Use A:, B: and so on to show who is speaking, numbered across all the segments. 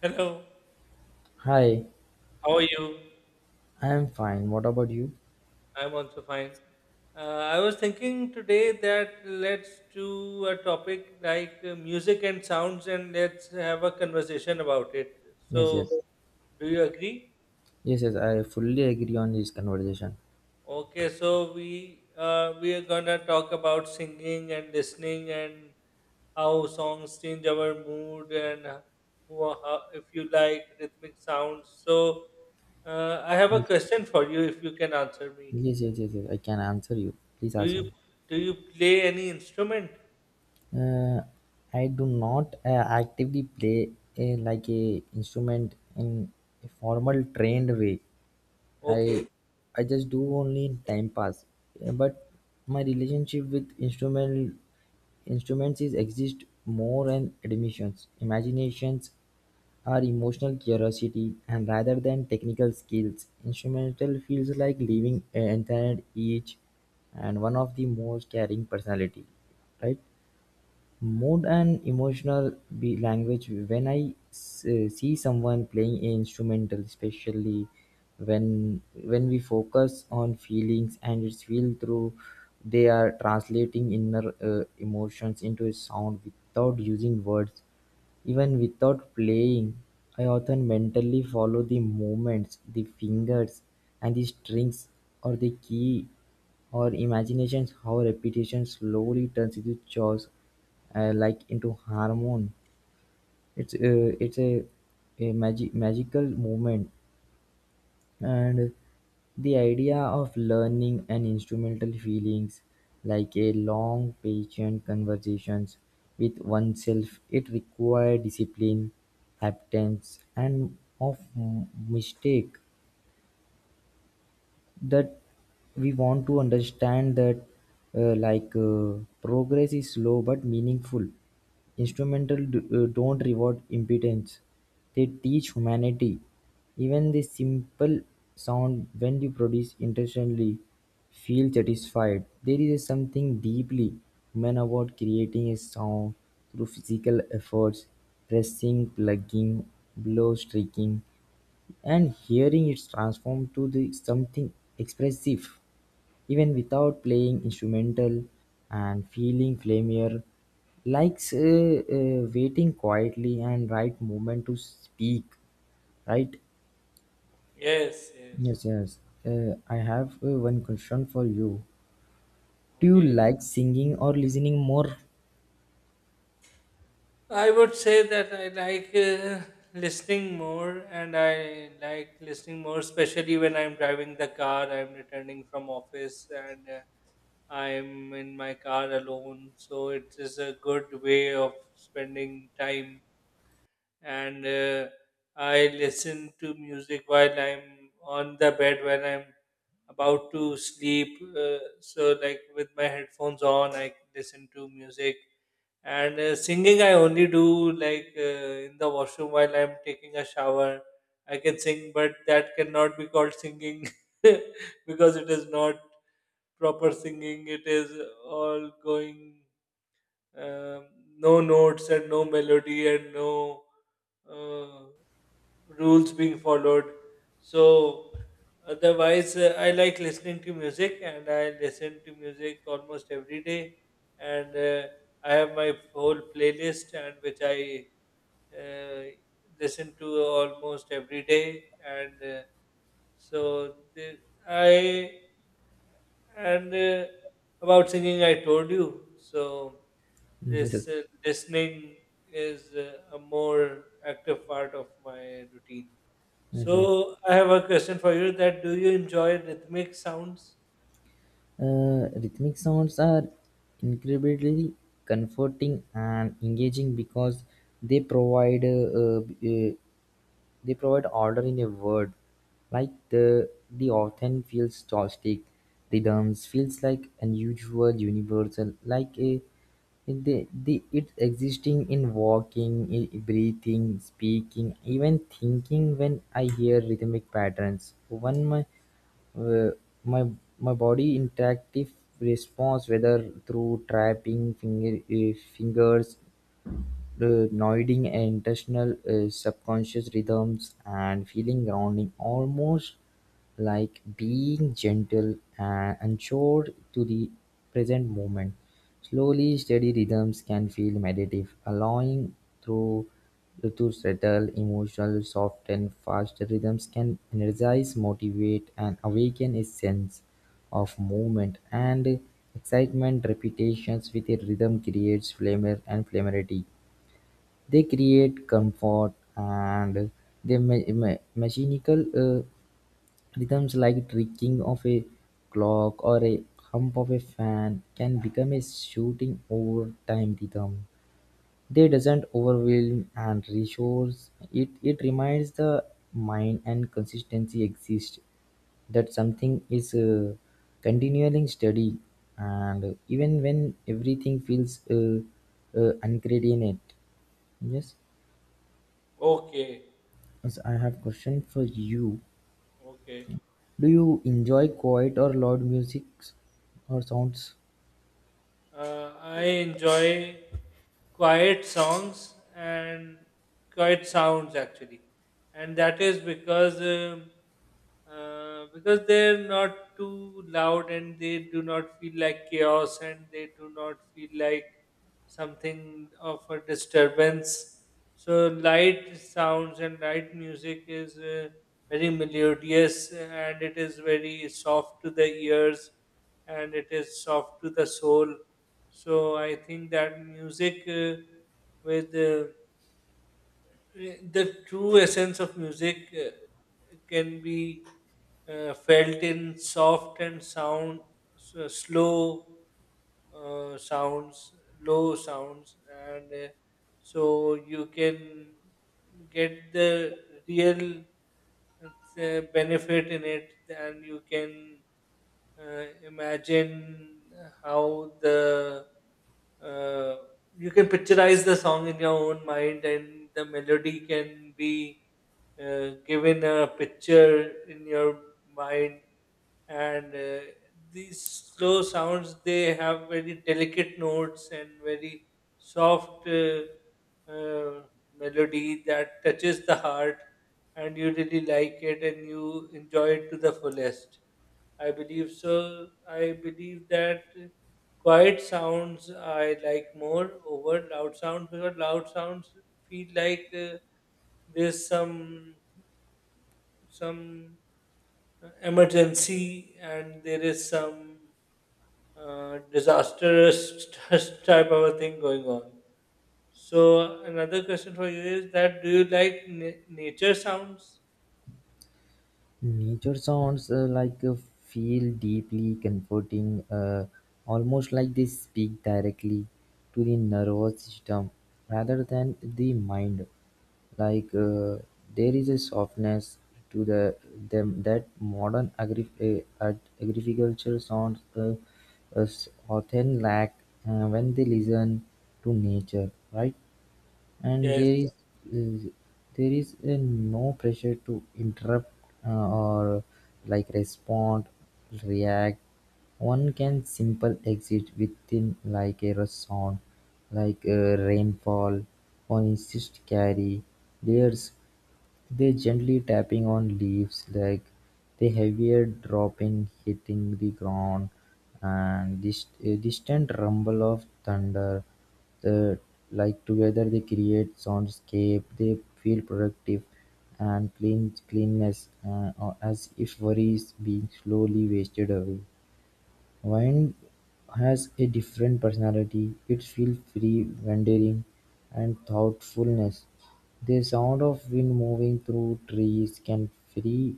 A: Hello,
B: Hi,
A: how are you?
B: I am fine. What about you?
A: I'm also fine. I was thinking today that let's do a topic like music and sounds and let's have a conversation about it.
B: Yes,
A: So,
B: yes.
A: do you agree?
B: Yes, yes, I fully agree on this conversation.
A: Okay, so we are gonna talk about singing and listening and how songs change our mood and how, if you like rhythmic sounds. So, I have a
B: Yes,
A: question for you if you can answer me.
B: yes, yes, yes. Yes, I can answer you. Please
A: Do
B: ask me.
A: you do you play any instrument?
B: Uh, I do not actively play like a instrument in a formal trained way.
A: Okay.
B: I I just do only in time pass. But my relationship with instruments is exist more and admissions. Imaginations are emotional curiosity and rather than technical skills. Instrumental feels like living entire each and one of the most caring personality. Right? More than emotional be language when I see someone playing an instrumental, especially when we focus on feelings and it's feel through they are translating inner emotions into a sound without using words. Even without playing, I often mentally follow the movements, the fingers and the strings or the key, or imaginations how repetition slowly turns into chores, like into harmony. It's a magical movement, and the idea of learning and instrumental feelings like a long patient conversations with oneself. It requires discipline, acceptance and of mistake that we want to understand, that like progress is slow but meaningful. Instrumental don't reward impedance, they teach humanity. Even the simple sound, when you produce intentionally, feel satisfied. There is something deeply human about creating a sound through physical efforts, pressing, plugging, blow, streaking, and hearing it transformed to the something expressive. Even without playing instrumental and feeling familiar, likes waiting quietly and right moment to speak, right?
A: Yes, yes.
B: Yes, yes. I have one question for you. Do you
A: Okay.
B: like singing or listening more?
A: I would say that I like listening more, and I like listening more, especially when I'm driving the car. I'm returning from office, and I'm in my car alone. So it is a good way of spending time and I listen to music while I'm on the bed when I'm about to sleep. So, like with my headphones on, I listen to music. And singing, I only do like in the washroom while I'm taking a shower. I can sing, but that cannot be called singing because it is not proper singing. It is all going um, no notes and no melody and no uh, rules being followed. So otherwise, I like listening to music, and I listen to music almost every day. And I have my whole playlist, and which I uh, listen to almost every day. And so the, I and about singing, I told you. So
B: Yes,
A: this listening is a more active part of my routine.
B: yes.
A: So I have a question for you that do you enjoy rhythmic sounds?
B: Rhythmic sounds are incredibly comforting and engaging because they provide uh, uh, they provide order in a word. Like the often feels chaotic, rhythms feels like unusual, universal, like a the it's existing in walking, breathing, speaking, even thinking. When I hear rhythmic patterns, one my uh, My my body interactive response, whether through tapping fingers, the nodding and intentional is subconscious rhythms, and feeling grounding, almost like being gentle and anchored to the present moment. Slowly, steady rhythms can feel meditative, allowing through to settle emotional. Soft and fast rhythms can energize, motivate and awaken a sense of movement and excitement. Repetitions with a rhythm creates flavor and flammability. They create comfort. And the mechanical rhythms like ticking of a clock or a hump of a fan can become a shooting over time rhythm. They doesn't overwhelm and reassures it. It reminds the mind and consistency exists, that something is continuing steady, and even when everything feels uncoordinated. Yes.
A: Okay,
B: So I have question for you.
A: okay.
B: Do you enjoy quiet or loud music or sounds?
A: I enjoy quiet songs and quiet sounds actually, and that is because they're not too loud and they do not feel like chaos and they do not feel like something of a disturbance. So light sounds and light music is very melodious and it is very soft to the ears and it is soft to the soul, so I think that music with the true essence of music can be felt in soft and sound, slow sounds, low sounds, and so you can get the real benefit in it, and you can imagine how the uh, you can picturize the song in your own mind and the melody can be given a picture in your mind. And these slow sounds, they have very delicate notes and very soft uh, melody that touches the heart and you really like it and you enjoy it to the fullest, I believe so. I believe that quiet sounds I like more over loud sounds because loud sounds feel like there's some emergency and there is some disastrous type of a thing going on. So another question for you is that do you like nature sounds?
B: Nature sounds like feel deeply comforting, almost like they speak directly to the nervous system rather than the mind. Like there is a softness to them that modern agriculture sounds uh, often lack when they listen to nature, right? and
A: Yes.
B: there is uh, there is uh, no pressure to interrupt or like respond, react. One can simple exit within like a rush sound, like a rainfall or insist carry layers. They gently tapping on leaves, like the heavier dropping hitting the ground, and the distant rumble of thunder. The, like together they create soundscape. They feel productive and cleanness, or as if worries being slowly wasted away. Wine has a different personality. It feels free, wandering, and thoughtfulness. The sound of wind moving through trees can free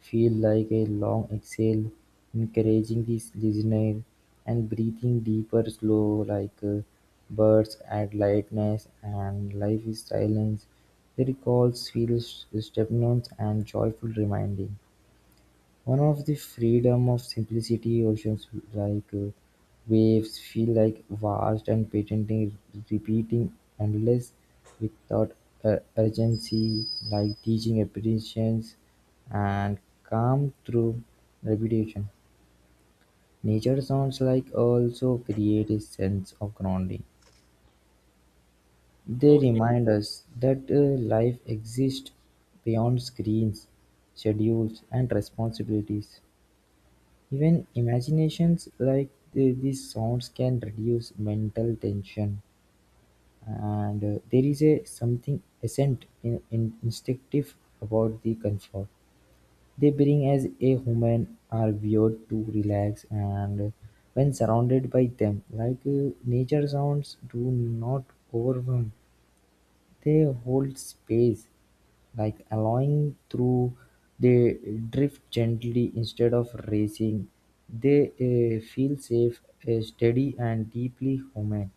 B: feel like a long exhale, encouraging the listener and breathing deeper slow, like birds add lightness and life is silence. The recalls feel stepnones and joyful reminding. One of the freedom of simplicity oceans, like waves feel like vast and patenting, repeating endless without urgency, like teaching appreciations and calm through repetition. Nature sounds like also create a sense of grounding. They
A: Okay.
B: remind us that life exists beyond screens, schedules, and responsibilities. Even imaginations, like these sounds can reduce mental tension, and there is a something essential in instinctive about the comfort they bring, as a human are viewed to relax. And when surrounded by them, like nature sounds do not overwhelm, they hold space, like allowing through; they drift gently instead of racing; they feel safe, steady and deeply human,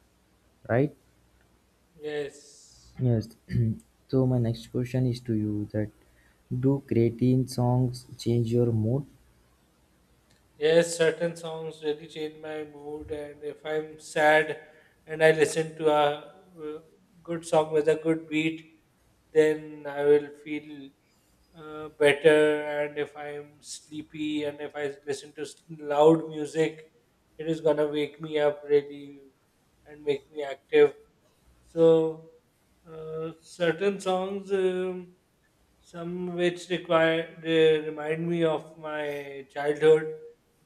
B: right?
A: Yes.
B: Yes. So my next question is to you, that do creatine songs change your mood?
A: Yes, certain songs really change my mood, and if I'm sad and I listen to a uh, good song with a good beat, then I will feel better. And if I'm sleepy and if I listen to loud music, it is gonna wake me up really and make me active. So, certain songs. Some which require they remind me of my childhood.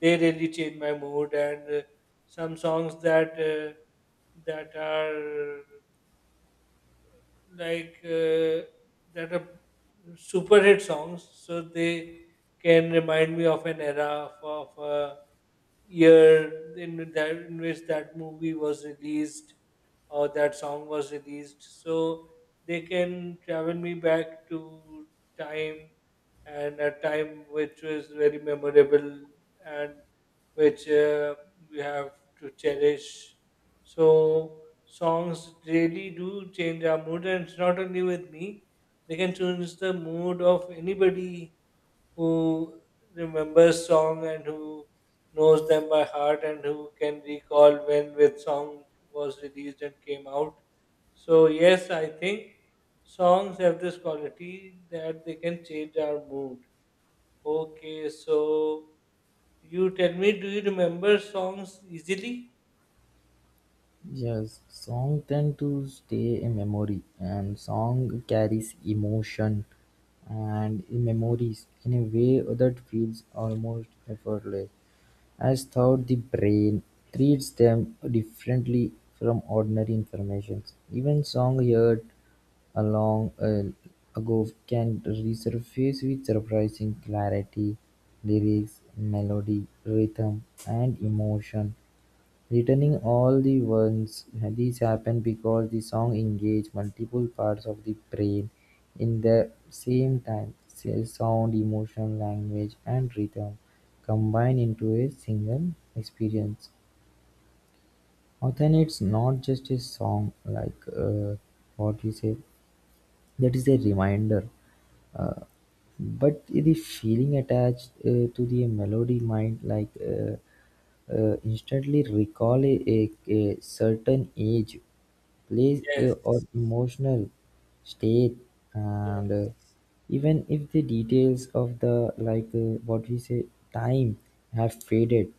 A: They really change my mood, and some songs that are like uh, that are super hit songs. So they can remind me of an era of year in that in which that movie was released or that song was released, so they can travel me back to time, and a time which was very memorable, and which we have to cherish. So songs really do change our mood, and it's not only with me, they can change the mood of anybody who remembers song and who knows them by heart and who can recall when which song was released and came out. So yes, I think songs have this quality that they can change our mood. Okay, so you tell me, do you remember songs easily?
B: Yes, song tend to stay in memory, and song carries emotion and memories in a way that feels almost effortless, as though the brain treats them differently from ordinary information. Even songs heard a long ago can resurface with surprising clarity, lyrics, melody, rhythm, and emotion. Returning all the ones, these happen because the song engages multiple parts of the brain in the same time. Say, sound, emotion, language and rhythm combine into a single experience. Often it's not just a song, like what we say, that is a reminder. Uh, but the feeling attached to the melody might, like instantly recall a certain age, place,
A: Yes.
B: or emotional state, and
A: Yes.
B: even if the details of the, like what we say, time have faded,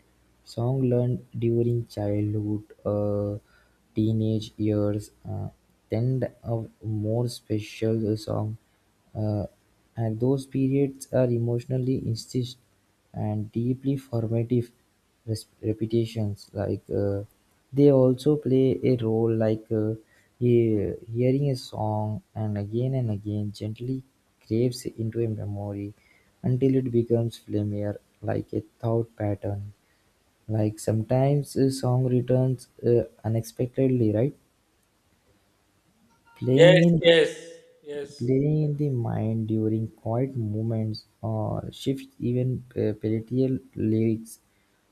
B: song learned during childhood, teenage years, tend of more special song, uh, and those periods are emotionally insist, and deeply formative. Repetitions, like they also play a role, like hearing a song and again gently craves into a memory until it becomes familiar, like a thought pattern. Like sometimes a song returns unexpectedly, right, playing
A: Yes.
B: in,
A: Yes. Yes.
B: clearing in the mind during quiet moments or shifts, even palatial lyrics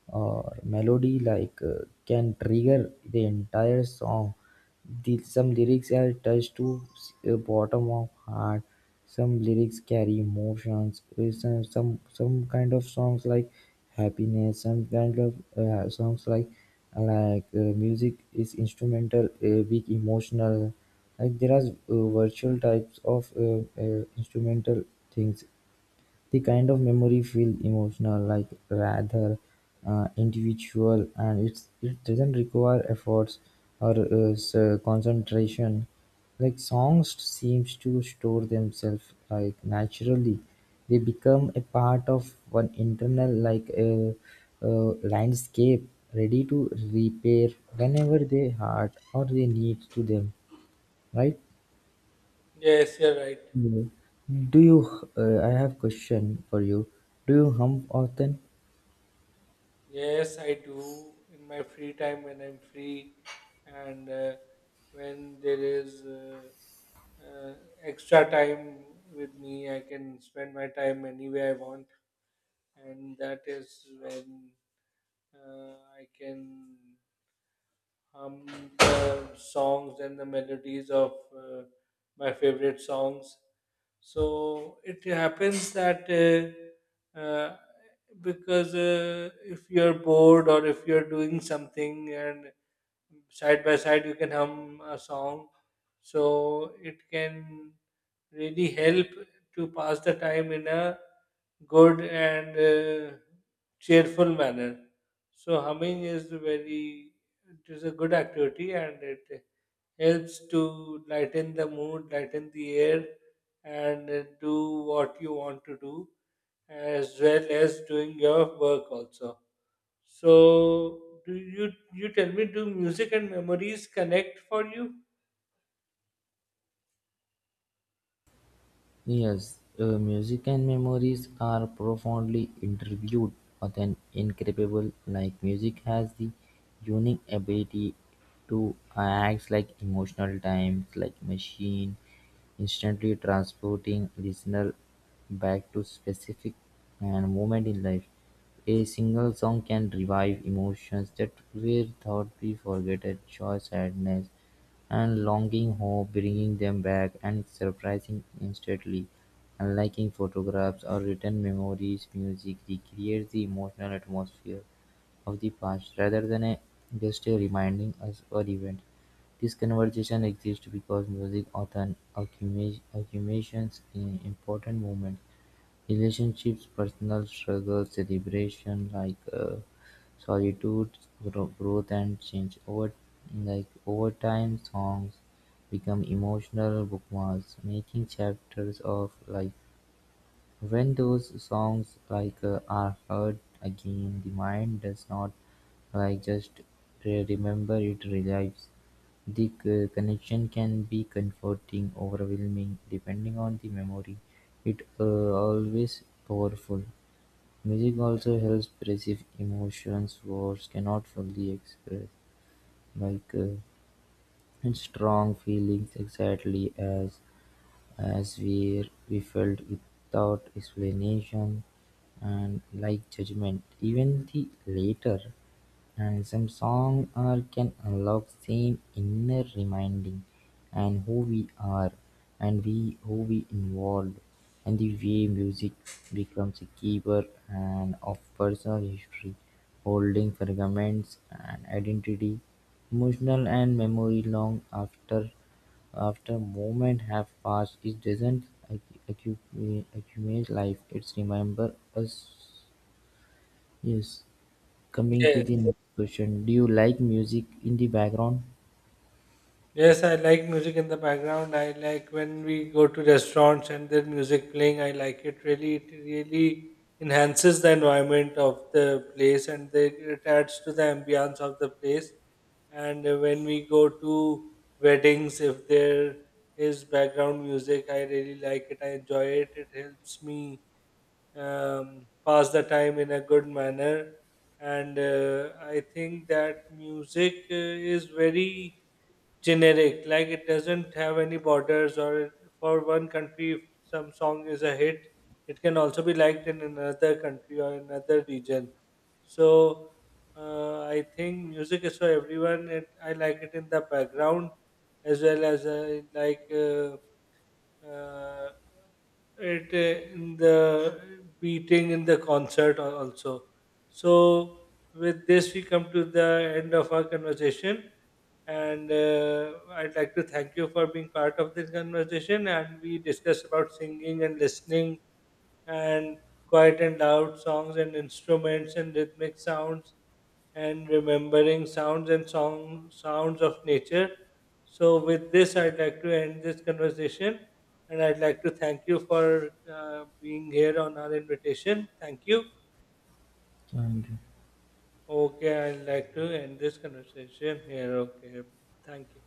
B: or melody, like can trigger the entire song. Some lyrics are touched to bottom of heart. Some lyrics carry emotions. Some kind of songs like happiness. Some kind of songs, like music is instrumental, big emotional. Like there are virtual types of instrumental things; the kind of memory feel emotional, like rather individual, and it doesn't require efforts or concentration. Like songs seems to store themselves like naturally. They become a part of one internal, like landscape, ready to repair whenever they hurt or they need to them, right?
A: Yes. You're right.
B: Yeah. Do you? I have question for you. Do you hump often?
A: Yes, I do in my free time when I'm free and when there is uh, extra time with me, I can spend my time any way I want, and that is when I can hum the songs and the melodies of uh, my favorite songs. So it happens that because if you're bored or if you're doing something and side by side you can hum a song, so it can really help to pass the time in a good and cheerful manner. So humming is very, it is a good activity and it helps to lighten the mood, lighten the air, and do what you want to do, as well as doing your work also. So, do you tell me? Do music and memories connect for you?
B: Yes, music and memories are profoundly interviewed with an incredible, like music has the unique ability to act like emotional times, like machine, instantly transporting listener back to specific and moment in life. A single song can revive emotions that were thought we forgotten, joy, sadness, and longing hope, bringing them back and surprising instantly. Unliking photographs or written memories, music recreates the emotional atmosphere of the past rather than just a reminding us or event. This conversation exists because music often accumulates accumulations in important moments. Relationships, personal struggles, celebration, like solitude, growth and change. Over time, songs become emotional bookmarks, making chapters of life. When those songs, like are heard again, the mind does not like just remember, it relives. The connection can be comforting, overwhelming, depending on the memory. It always powerful. Music also helps perceive emotions words cannot fully express, like strong feelings exactly as we felt without explanation and like judgment, even the later, and are can unlock same inner reminding, and who we are and we who we involved, and the way music becomes a keeper and of personal history, holding fragments and identity, emotional and memory long after moment have passed. It doesn't accumulate life, it's remember us. Yes. Coming to
A: Yes.
B: the next question, do you like music in the background?
A: Yes, I like music in the background. I like when we go to restaurants and there's music playing. I like it really. It really enhances the environment of the place and they, it adds to the ambience of the place. And when we go to weddings, if there is background music, I really like it. I enjoy it. It helps me pass the time in a good manner. And I think that music is very generic, like it doesn't have any borders for one country, if some song is a hit, it can also be liked in another country or another region, so I think music is for everyone. It, I like it in the background as well as I like uh, it in the beating in the concert al- also. So with this, we come to the end of our conversation, and I'd like to thank you for being part of this conversation. And we discussed about singing and listening and quiet and loud songs and instruments and rhythmic sounds and remembering sounds and song, sounds of nature. So, with this, I'd like to end this conversation and I'd like to thank you for being here on our invitation. Thank you.
B: And
A: Okay, I'd like to end this conversation here. Okay, thank you.